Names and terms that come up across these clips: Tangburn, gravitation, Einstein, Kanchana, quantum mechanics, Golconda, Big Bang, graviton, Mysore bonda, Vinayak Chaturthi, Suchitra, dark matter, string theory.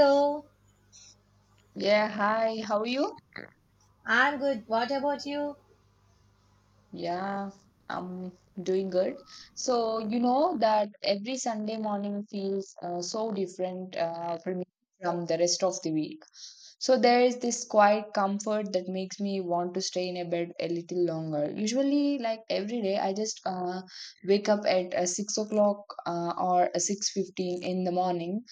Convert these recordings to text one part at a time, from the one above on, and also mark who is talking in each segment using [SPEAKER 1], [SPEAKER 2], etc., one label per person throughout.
[SPEAKER 1] Hello,
[SPEAKER 2] Yeah, hi, how are you?
[SPEAKER 1] I'm good. What about you?
[SPEAKER 2] Yeah, I'm doing good. So, you know that every Sunday morning feels so different for me from the rest of the week. So, there is this quiet comfort that makes me want to stay in a bed a little longer. Usually, like every day, I just wake up at 6 o'clock or 6:15 in the morning.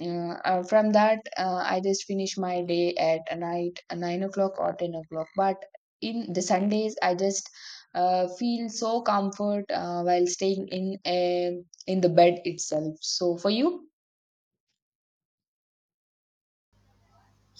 [SPEAKER 2] From that, I just finish my day at a night, 9 o'clock or 10 o'clock. But in the Sundays, I just feel so comfort while staying in the bed itself. So for you?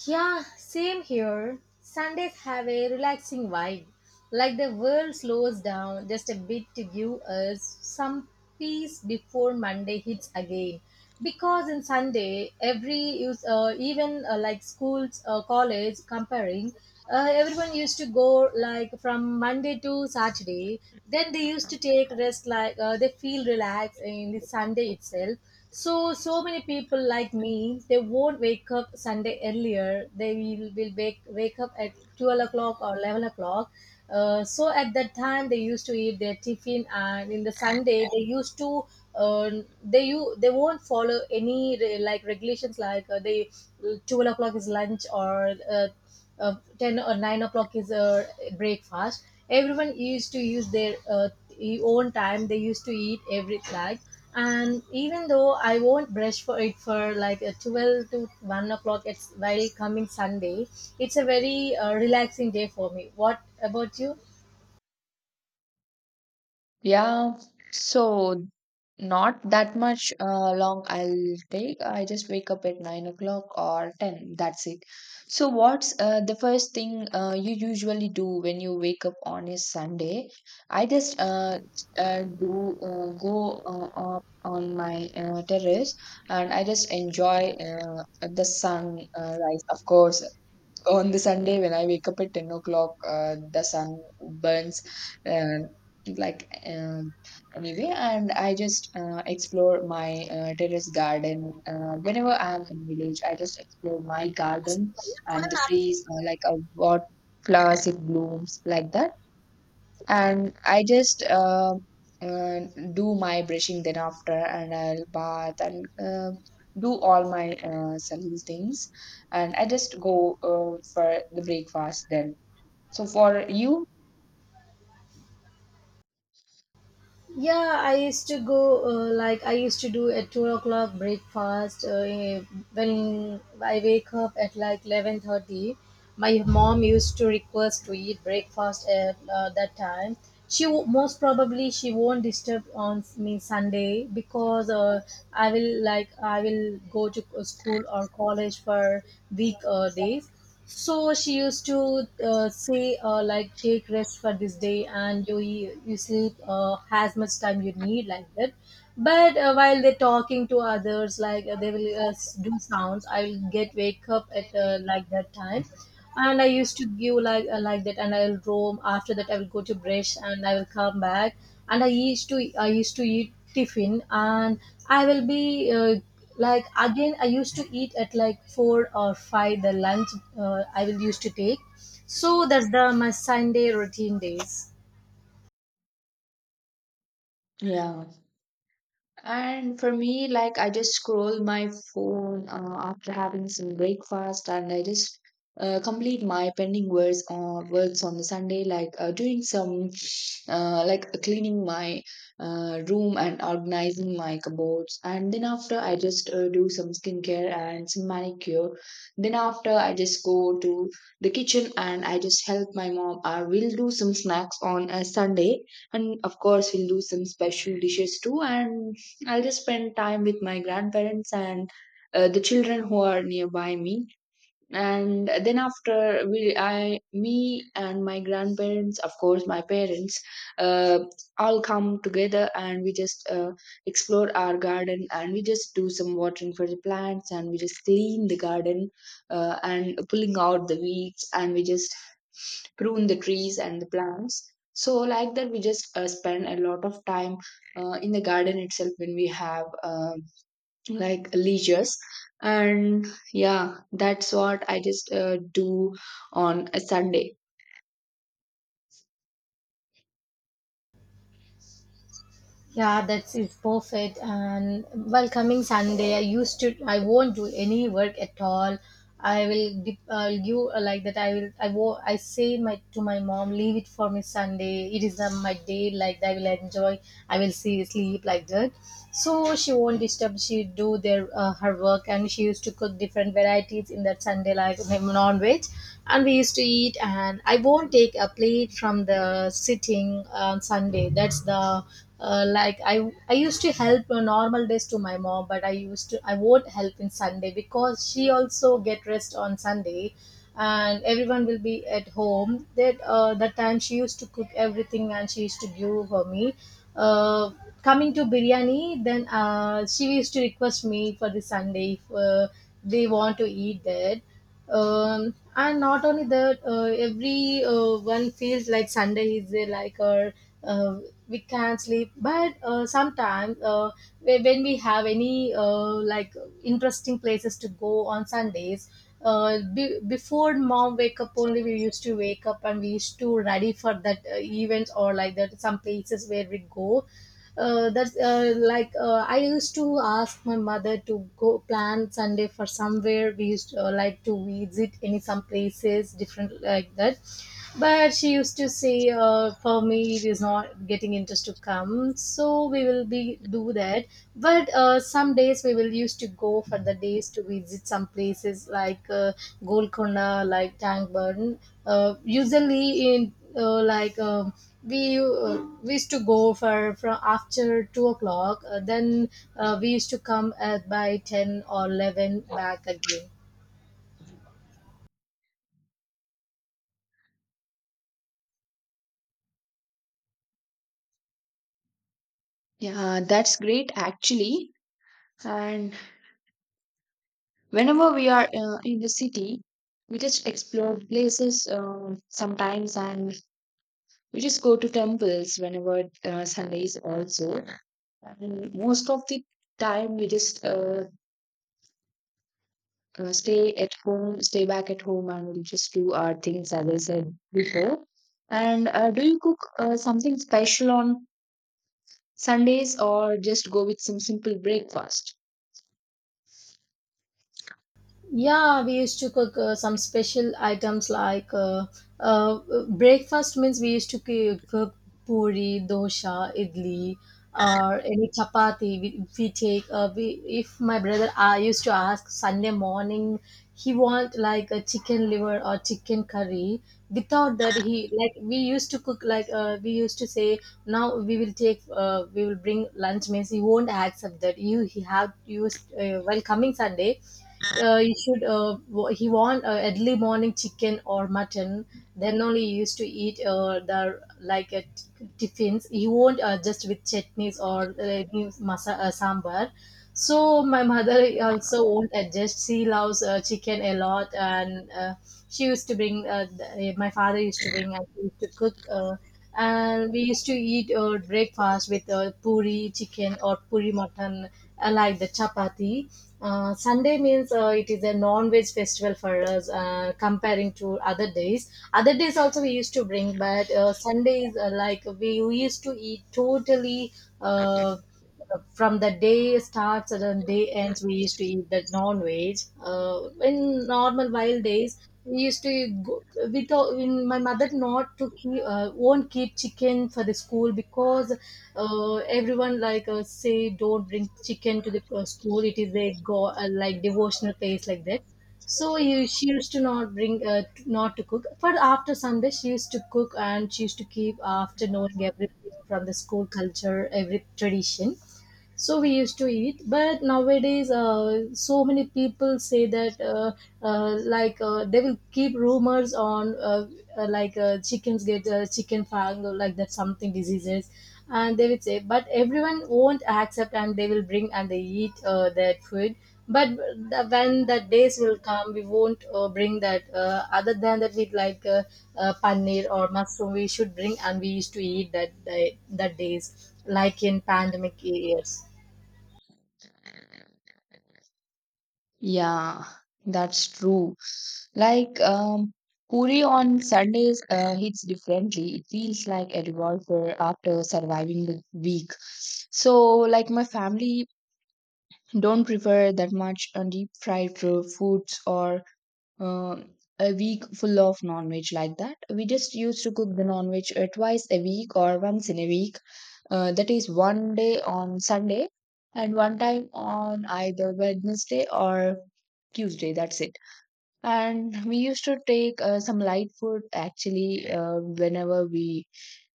[SPEAKER 1] Yeah, same here. Sundays have a relaxing vibe, like the world slows down just a bit to give us some peace before Monday hits again. Because in Sunday, every use even like schools, college, comparing, everyone used to go like from Monday to Saturday. Then they used to take rest, they feel relaxed in the Sunday itself. So, so many people like me, they won't wake up Sunday earlier. They will wake up at 12 o'clock or 11 o'clock. So at that time they used to eat their tiffin, and in the sunday they used to, uh, they won't follow any like regulations, they 12 o'clock is lunch, or 10 or 9 o'clock is breakfast. Everyone used to use their own time. They used to eat every like, and even though I won't brush for it for like a 12 to 1 o'clock. It's while coming sunday, it's a very relaxing day for me. What about you?
[SPEAKER 2] Yeah, so not that much long I'll take. I just wake up at 9 o'clock or 10. That's it. So, what's the first thing you usually do when you wake up on a Sunday? I just do go uh, up on my terrace, and I just enjoy the sun rise. Of course, on the Sunday when I wake up at 10 o'clock, the sun burns uh, like um anyway, and I just explore my terrace garden. Whenever I'm in village, I just explore my garden and the trees, like what flowers it blooms like that. And I just uh, do my brushing then after, and I'll bath and do all my silly things, and I just go for the breakfast then. So for you?
[SPEAKER 1] Yeah, I used to go like I used to do at 2 o'clock breakfast. When I wake up at like 11:30, my mom used to request to eat breakfast at that time. Most probably she won't disturb on me Sunday because I will, like I will go to school or college for week days. So she used to say, like take rest for this day and you sleep as much time you need, like that. But while they're talking to others, they will do sounds. I'll get wake up at like that time, and I used to give like that, and I'll roam. After that, I will go to brush and I will come back. And I used to eat tiffin, and I will be. Uh, like again I used to eat at like 4 or 5 the lunch. I will used to take. So that's the my sunday routine days.
[SPEAKER 2] Yeah. And for me, like I just scroll my phone after having some breakfast, and I just complete my pending words on works on the Sunday, like doing some, like cleaning my room and organizing my cupboards. And then after, I just do some skincare and some manicure. Then after, I just go to the kitchen and I just help my mom. I will do some snacks on a Sunday, and of course we'll do some special dishes too, and I'll just spend time with my grandparents and the children who are nearby me. And then after, we I me and my grandparents, of course my parents, uh, all come together, and we just explore our garden, and we just do some watering for the plants, and we just clean the garden and pulling out the weeds, and we just prune the trees and the plants. So like that, we just spend a lot of time in the garden itself when we have like leisures. And yeah, that's what I just do on a Sunday.
[SPEAKER 1] Yeah, that is perfect. And well, coming Sunday, I used to, I won't do any work at all. I will give you like that. I say my to my mom, leave it for me Sunday. It is my day. Like that, I will enjoy. I will see sleep like that. So she won't disturb. She do their her work, and she used to cook different varieties in that Sunday, like non veg, and we used to eat. And I won't take a plate from the sitting on Sunday. That's the like I used to help on normal days to my mom, but I used to I won't help in Sunday because she also get rest on Sunday, and everyone will be at home. That time she used to cook everything and she used to give for me. Uh, coming to biryani, then she used to request me for the Sunday if they want to eat that. Um, and not only that, every one feels like sunday is like our, uh, we can't sleep. But sometimes, when we have any like interesting places to go on sundays, before mom wake up only, we used to wake up and we used to ready for that events or like that some places where we go. That's like I used to ask my mother to go plan Sunday for somewhere. We used to, like to visit any some places different like that. But she used to say, for me, it is not getting interest to come. So we will be do that. But some days we will used to go for the days to visit some places like Golconda, like Tangburn. Usually in we used to go for from after 2 o'clock. Then we used to come at by 10 or 11 back again.
[SPEAKER 2] Yeah, that's great, actually. And whenever we are in the city, we just explore places, sometimes, and we just go to temples whenever Sundays also. And most of the time, we just stay at home, stay back at home, and we'll just do our things as I said before. And do you cook something special on Sundays, or just go with some simple breakfast?
[SPEAKER 1] Yeah, we used to cook some special items like uh, breakfast means we used to c- cook puri, dosha, idli, or any chapati. We take we, if my brother, I used to ask Sunday morning he want like a chicken liver or chicken curry. Without that he like, we used to cook like, we used to say now we will take, we will bring lunch means he won't accept that you he have used. Uh, well coming Sunday, you should he want early morning chicken or mutton, then only he used to eat the like, tiffins he won't, just with chutneys or any sambar. So my mother also won't adjust, she loves chicken a lot. And she used to bring, my father used to bring and she used to cook. And we used to eat our breakfast with puri chicken or puri mutton, like the chapati. Uh, sunday means, it is a non-veg festival for us, comparing to other days. Other days also we used to bring, but sunday is, like we used to eat totally uh, from the day starts and the day ends. We used to eat that non-veg. Uh, in normal wild days, we used to go without. In my mother, not to keep, won't keep chicken for the school because, everyone like, say don't bring chicken to the school. It is a go, like devotional place like that. So you, she used to not bring, not to cook. But after sunday she used to cook and she used to keep after knowing everything from the school culture, every tradition. So we used to eat. But nowadays, so many people say that, like, they will keep rumors on, like, chickens get, chicken fang or like that something diseases, and they would say but everyone won't accept and they will bring and they eat that food. But the, when the days will come, we won't bring that. Uh, other than that, we like, paneer or mushroom we should bring and we used to eat that days like in pandemic years.
[SPEAKER 2] Yeah, that's true. Like, puri on Sundays hits differently. It feels like a revolver after surviving the week. So, like my family don't prefer that much deep fried foods or, Uh, a week full of non-veg like that. We just used to cook the non-veg twice a week or once in a week. That is one day on Sunday and one time on either Wednesday or Tuesday. That's it. And we used to take some light food actually whenever we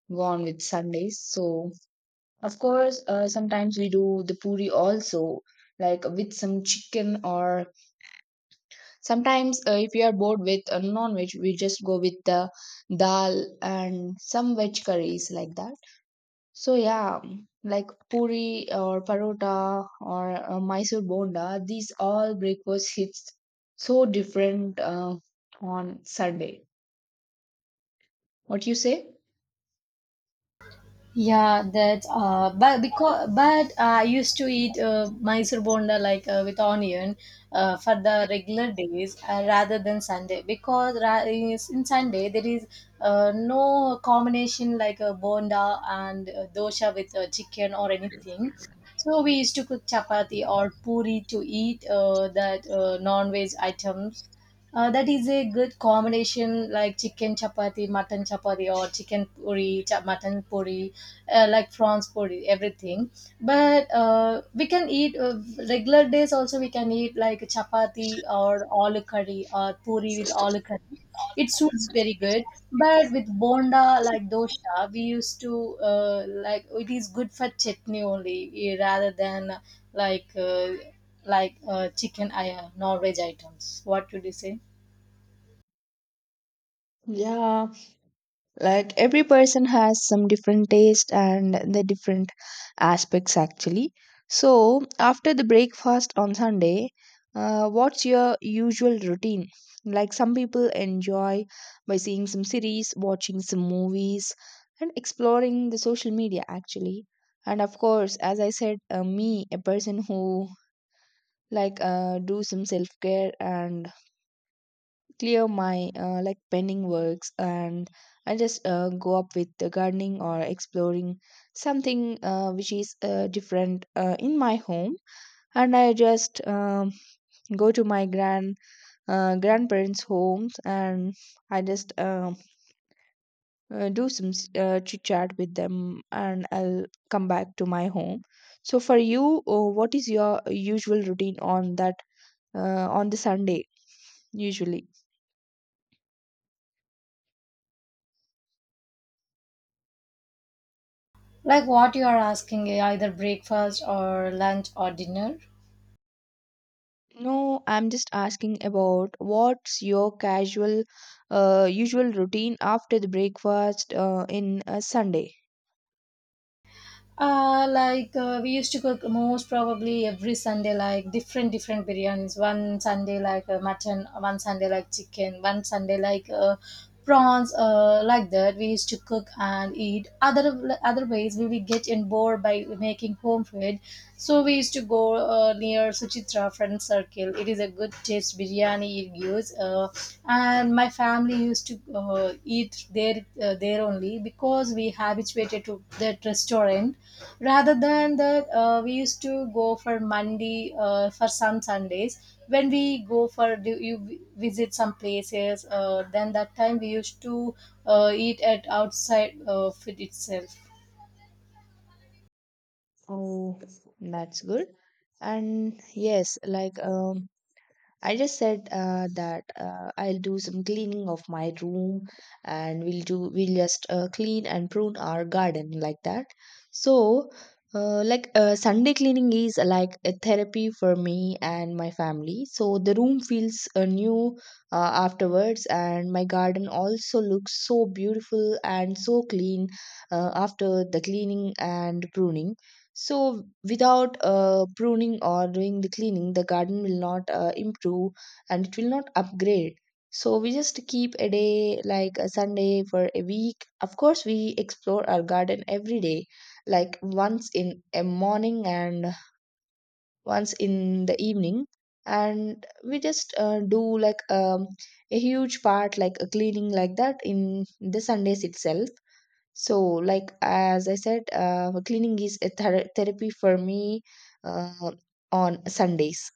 [SPEAKER 2] go on with Sundays. So of course, sometimes we do the puri also, like with some chicken or, sometimes, if you are bored with a non-veg, we just go with the dal and some veg curries like that. So yeah, like puri or parota or Mysore bonda, these all breakfast hits so different on Sunday. What you say?
[SPEAKER 1] Yeah, that but because but I used to eat Mysore bonda like with onion for the regular days rather than Sunday because in Sunday there is no combination like a bonda and dosha with chicken or anything. So we used to cook chapati or puri to eat that non-veg items. That is a good combination, like chicken chapati, mutton chapati, or chicken puri, mutton puri, like prawns puri, everything. But we can eat regular days also. We can eat like chapati or aloo curry or puri with aloo curry. It suits very good. But with bonda like dosha, we used to like it is good for chutney only, eh, rather than like. Like chicken I non-veg items, what would you say?
[SPEAKER 2] Yeah, like every person has some different taste and the different aspects, actually. So after the breakfast on Sunday, what's your usual routine? Like some people enjoy by seeing some series, watching some movies, and exploring the social media, actually. And of course, as I said, me a person who like do some self care and clear my like pending works, and I just go up with the gardening or exploring something which is different in my home. And I just go to my grandparents' homes, and I just do some chit chat with them, and I'll come back to my home. So for you, what is your usual routine on that, on the Sunday, usually?
[SPEAKER 1] Like what you are asking, eh, either breakfast or lunch or dinner?
[SPEAKER 2] No, I'm just asking about what's your casual, usual routine after the breakfast in a Sunday.
[SPEAKER 1] Uh, like we used to cook most probably every sunday like different different biryanis, one sunday like mutton, one sunday like chicken, one sunday like prawns, like that we used to cook and eat. Other otherwise we will get in bored by making home food, so we used to go near Suchitra friend circle. It is a good taste biryani money it gives. And my family used to uh, eat there, there only, because we habituated to that restaurant. Rather than that, we used to go for monday for some sundays when we go for visit some places, then that time we used to eat at outside food itself.
[SPEAKER 2] Oh, that's good. And yes, like, I just said that I'll do some cleaning of my room, and we'll just clean and prune our garden like that. So like Sunday cleaning is like a therapy for me and my family. So the room feels new uh, afterwards, and my garden also looks so beautiful and so clean after the cleaning and pruning. So, without pruning or doing the cleaning, the garden will not improve, and it will not upgrade. So, we just keep a day like a Sunday for a week. Of course, we explore our garden every day, like once in a morning and once in the evening. And we just do like, a huge part, like a cleaning like that, in the Sundays itself. So, like as I said, cleaning is a therapy for me uh, on Sundays.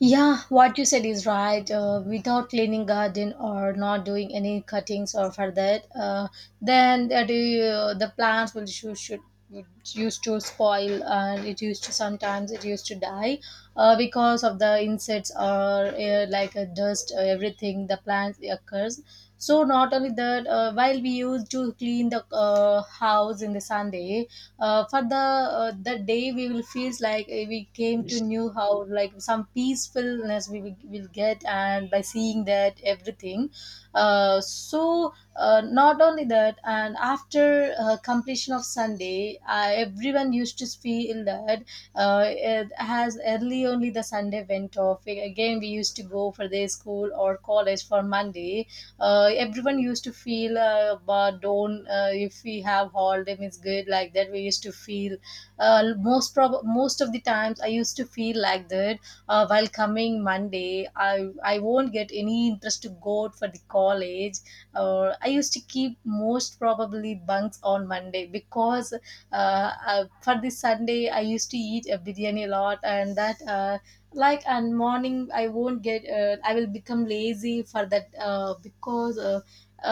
[SPEAKER 1] Yeah, what you said is right. Without cleaning garden or not doing any cuttings or for that, then that, the plants will should would used to spoil and it used to sometimes it used to die because of the insects or like a dust everything the plants occurs. So not only that, while we used to clean the house in the sunday, for the day we will feels like we came to new house like some peacefulness we will get and by seeing that everything. So not only that, and after completion of sunday, everyone used to feel that it has early only the sunday went off, again we used to go for the school or college for monday. Everyone used to feel, but don't, if we have holiday means good, like that we used to feel. Most of the times I used to feel like that. While coming monday, I won't get any interest to go for the college, or I used to keep most probably bunks on monday because uh, for the sunday I used to eat a biryani a lot and that, like on morning I won't get, I will become lazy for that, because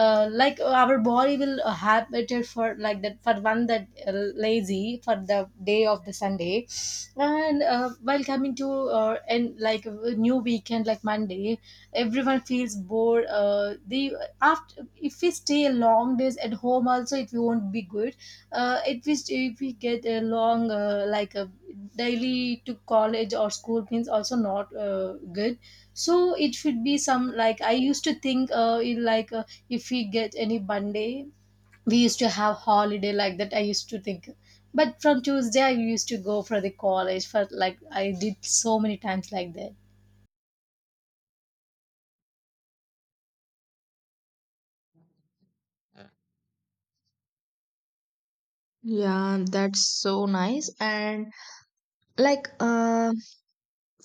[SPEAKER 1] like our body will habit it for like that for one, that lazy for the day of the sunday. And while coming to and like a new weekend like monday, everyone feels bored, they, after if we stay long days at home also, it won't be good. If we get a long, like a daily to college or school means also not good. So it should be some, like I used to think, in like if we get any monday we used to have holiday like that, I used to think. But from tuesday I used to go for the college, for like I did so many times like that.
[SPEAKER 2] Yeah, that's so nice. And, like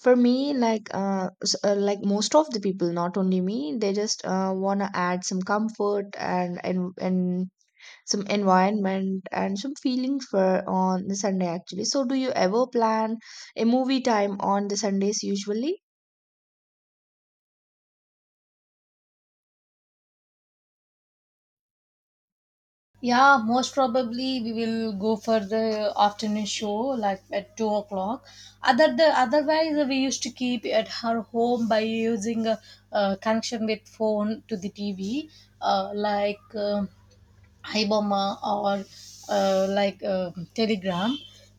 [SPEAKER 2] for me, like like most of the people, not only me, they just wanna add some comfort and some environment and some feeling for on the Sunday, actually. So, do you ever plan a movie time on the Sundays, usually?
[SPEAKER 1] Yeah, most probably we will go for the afternoon show, like at 2 o'clock. Other the otherwise, we used to keep at her home by using a, connection with phone to the tv, uh, like um iboma or telegram,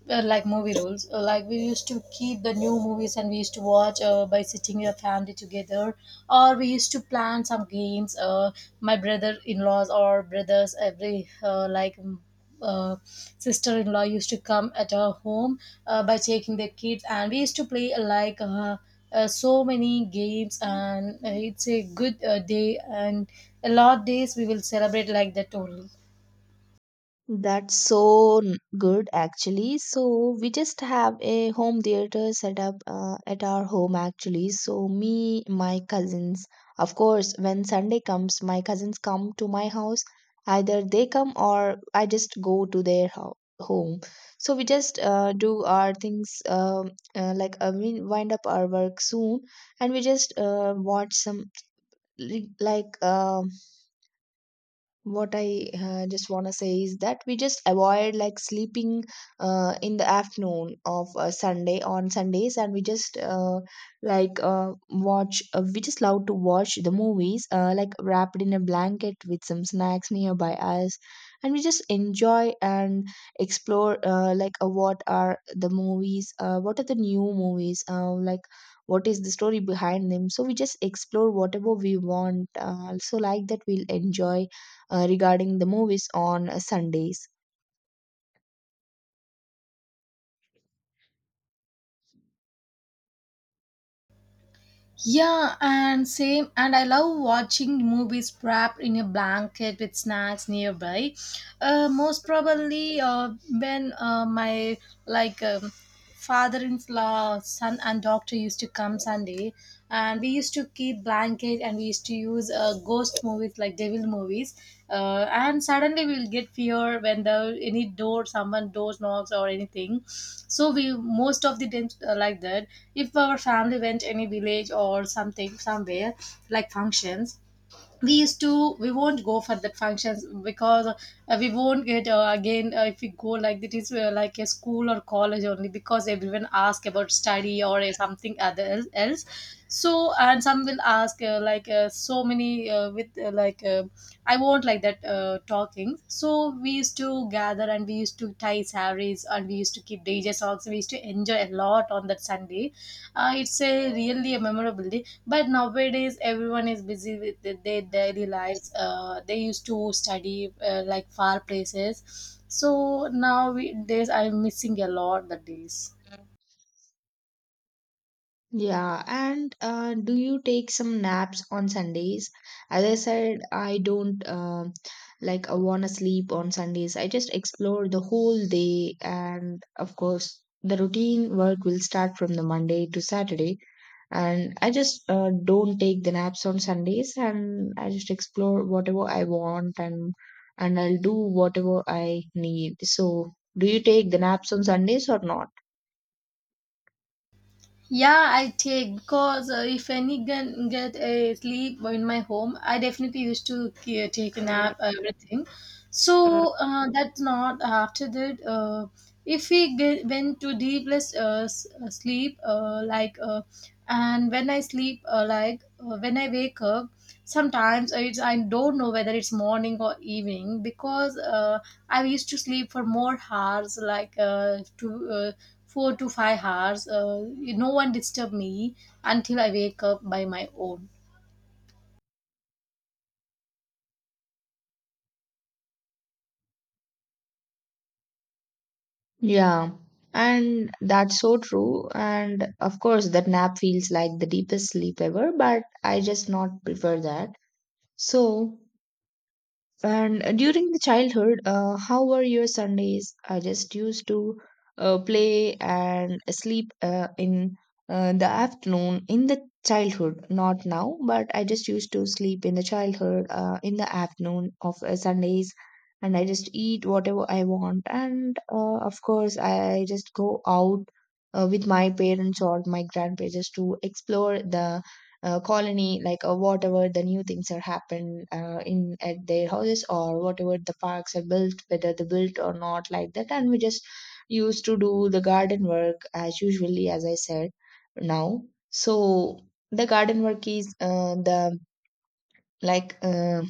[SPEAKER 1] like movie rules. Like we used to keep the new movies and we used to watch by sitting your family together, or we used to plan some games. My brother-in-laws or brothers, every uh, sister-in-law used to come at our home, by taking their kids, and we used to play, so many games. And it's a good day, and a lot days we will celebrate like that only.
[SPEAKER 2] That's so good, actually. So we just have a home theater set up at our home, actually. So me, my cousins, of course, when Sunday comes, my cousins come to my house. Either they come or I just go to their home. So we just do our things, like we wind up our work soon, and we just watch some, like like, um what I just want to say is that we just avoid like sleeping in the afternoon of Sunday, on Sundays. And we just like watch, we just love to watch the movies, like wrapped in a blanket with some snacks nearby us, and we just enjoy and explore like what are the movies, what are the new movies, like what is the story behind them. So we just explore whatever we want, so like that we'll enjoy regarding the movies on Sundays.
[SPEAKER 1] Yeah, and same. And I love watching movies wrapped in a blanket with snacks nearby. Most probably, when my like um, father-in-law, son, and doctor used to come Sunday, and we used to keep blanket and we used to use ghost movies like devil movies, and suddenly we'll get fear when the any door someone doors knocks or anything. So we, most of the times like that, if our family went any village or something somewhere like functions, we used to we won't go for that functions because we won't get, again if we go like that is like a school or college only, because everyone ask about study or something other else. So, and some will ask so many with like I won't like that talking. So we used to gather and we used to tie saris and we used to keep dj songs, we used to enjoy a lot on that sunday. It's a really a memorable day. But nowadays, everyone is busy with the- their daily lives. They used to study like far places. So now we days I'm missing a lot the days.
[SPEAKER 2] Yeah, and do you take some naps on Sundays? As I said, I don't, like, I wanna sleep on Sundays. I just explore the whole day, and of course, the routine work will start from the Monday to Saturday. And I just don't take the naps on Sundays, and I just explore whatever I want, and I'll do whatever I need. So, do you take the naps on Sundays or not?
[SPEAKER 1] Yeah, I take, because if any can get a sleep in my home, I definitely used to ke- take a nap, everything. So that's not after that. If we get, went to deepless sleep, and when I sleep, when I wake up, sometimes it's, I don't know whether it's morning or evening, because I used to sleep for more hours, like to. 4 to 5 hours. No one disturb me until I wake up by my own.
[SPEAKER 2] Yeah, and that's so true. And of course, that nap feels like the deepest sleep ever, but I just not prefer that. So, and during the childhood, how were your Sundays? I just used to play and sleep in the afternoon in the childhood, not now, but I just used to sleep in the childhood in the afternoon of Sundays, and I just eat whatever I want. And of course, I just go out with my parents or my grandparents to explore the colony, like whatever the new things are happen in at their houses, or whatever the parks are built, whether they built or not, like that. And we just used to do the garden work as usually, as I said now. So the garden work is the like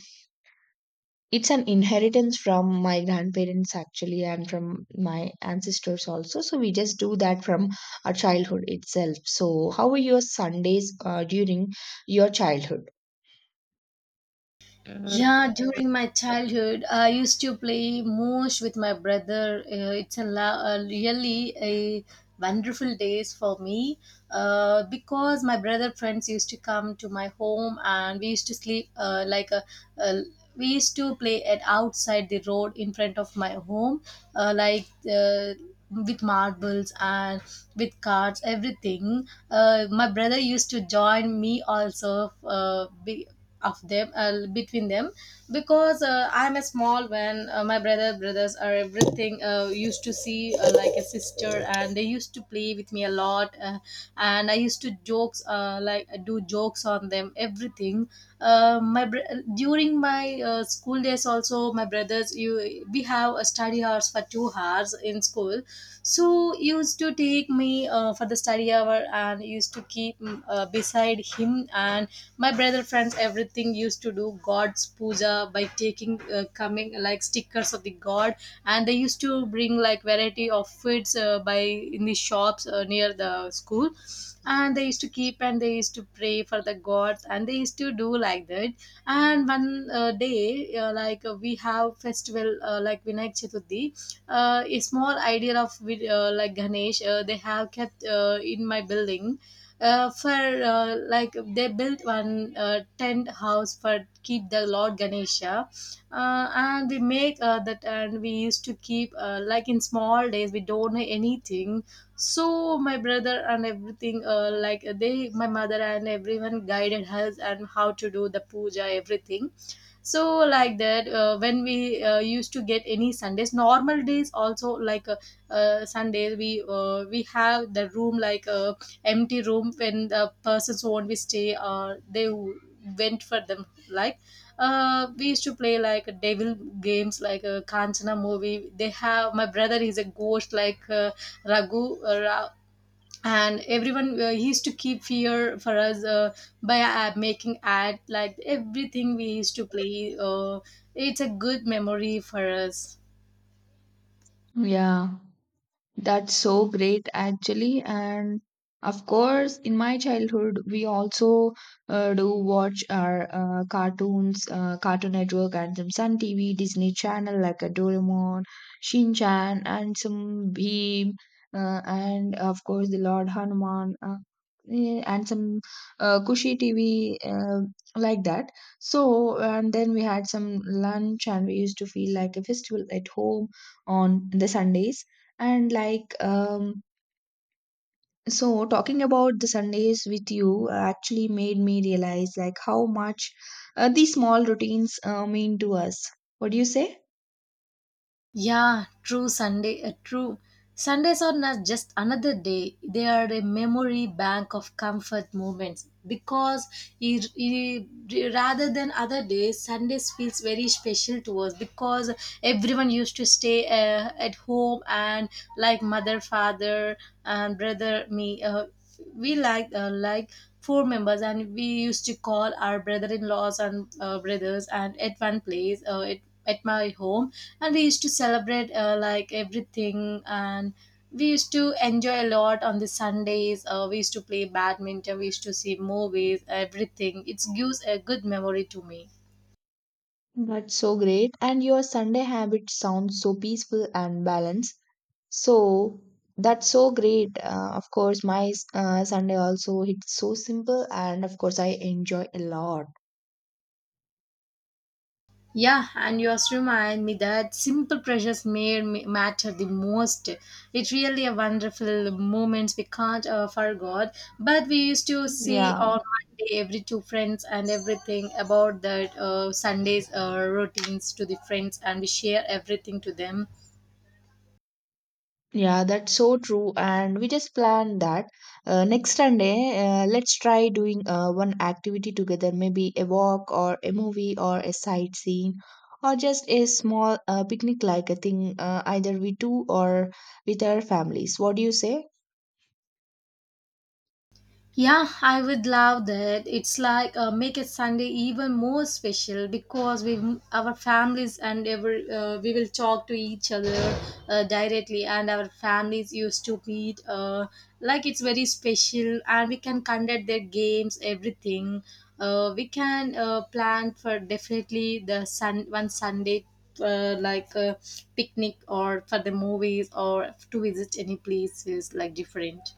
[SPEAKER 2] it's an inheritance from my grandparents, actually, and from my ancestors also. So we just do that from our childhood itself. So how were your Sundays during your childhood?
[SPEAKER 1] Yeah, during my childhood, I used to play most with my brother. It's a, la- a really a wonderful days for me, because my brother friends used to come to my home and we used to sleep like a we used to play at outside the road in front of my home, like uh, with marbles and with cards, everything. My brother used to join me also of them, between them, because I'm a small, when my brothers are everything, used to see like a sister and they used to play with me a lot. And I used to jokes, like do jokes on them everything. During my school days also, my brothers, you we have a study hours for 2 hours in school, so so used to take me for the study hour and used to keep beside him. And my brother friends everything used to do god's puja by taking coming like stickers of the god, and they used to bring like variety of foods by in the shops near the school, and they used to keep and they used to pray for the gods and they used to do like that. And one day, we have festival, like vinayak chaturthi. A small idea of ganesh, they have kept in my building, for like they built one tent house for keep the lord ganesha. And we make that, and we used to keep like in small days we don't know anything. So my brother and everything like they, my mother and everyone guided us and how to do the puja everything. So like that, when we used to get any sundays normal days also, sundays we we have the room like empty room, when the persons won't we stay or they went for them like, we used to play like devil games like a kanchana movie, they have, my brother is a ghost like, raghu and everyone, he used to keep fear for us, by making ad like everything we used to play. It's a good memory for us.
[SPEAKER 2] Yeah. That's so great, actually. And of course, in my childhood, we also do watch our cartoons, Cartoon Network, and some Sun TV, Disney Channel, like a Doraemon, Shin Chan, and some Beam, and of course, the Lord Hanuman, and some Kushi TV, like that. So, and then we had some lunch, and we used to feel like a festival at home on the Sundays. And like, so talking about the Sundays with you actually made me realize like how much these small routines mean to us. What do you say?
[SPEAKER 1] Yeah, true Sunday, true. Sundays are not just another day. They are a memory bank of comfort moments, because rather than other days, Sundays feels very special to us, because everyone used to stay at home. And like mother, father, and brother, me. We like four members, and we used to call our brother-in-laws and brothers and at one place at my home, and we used to celebrate like everything. And we used to enjoy a lot on the sundays, we used to play badminton, we used to see movies everything. It gives a good memory to me.
[SPEAKER 2] That's so great. And your Sunday habit sounds so peaceful and balanced. So that's so great. Of course, my Sunday also, it's so simple, and of course, I enjoy a lot.
[SPEAKER 1] Yeah, and you just remind me that simple pleasures may matter the most. It's really a wonderful moments, we can't forget. But we used to see
[SPEAKER 2] Yeah.
[SPEAKER 1] on Monday every two friends and everything about that Sundays routines to the friends, and we share everything to them.
[SPEAKER 2] Yeah, that's so true. And we just plan that next Sunday, let's try doing one activity together, maybe a walk or a movie or a sightseeing, or just a small picnic like a thing, either we two or with our families. What do you say?
[SPEAKER 1] Yeah, I would love that. It's like make it Sunday even more special, because we, our families, and ever we will talk to each other directly, and our families used to meet. Like it's very special, and we can conduct their games, everything. We can plan for definitely the sun one Sunday, like a picnic or for the movies or to visit any places like different.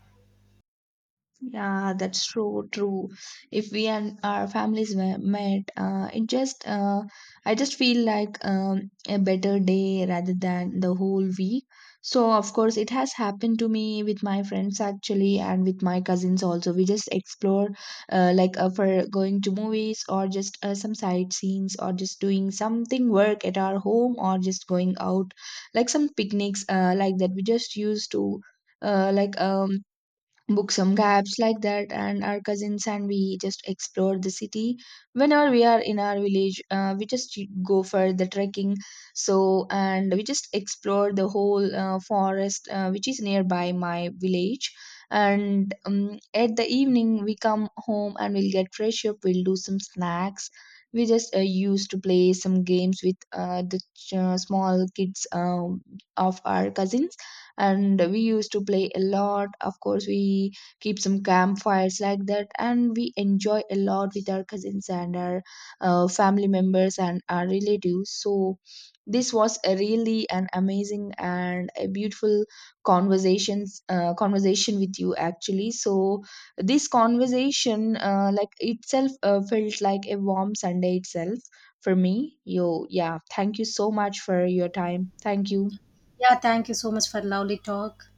[SPEAKER 2] Yeah, that's so true. If we and our families were met, it just I just feel like, a better day rather than the whole week. So of course, it has happened to me with my friends, actually, and with my cousins also. We just explore, like for going to movies, or just some side scenes, or just doing something work at our home, or just going out, like some picnics, like that. We just used to like book some gaps like that, and our cousins, and we just explore the city. Whenever we are in our village, we just go for the trekking. So, and we just explore the whole forest which is nearby my village. And at the evening, we come home, and we'll get fresh up, we'll do some snacks, we just used to play some games with small kids, of our cousins, and we used to play a lot. Of course, we keep some campfires like that, and we enjoy a lot with our cousins and our family members and our relatives. So this was a really an amazing and a beautiful conversation with you, actually. So this conversation like itself felt like a warm Sunday itself for me. Yo, yeah, thank you so much for your time. Thank you.
[SPEAKER 1] Yeah, thank you so much for lovely talk.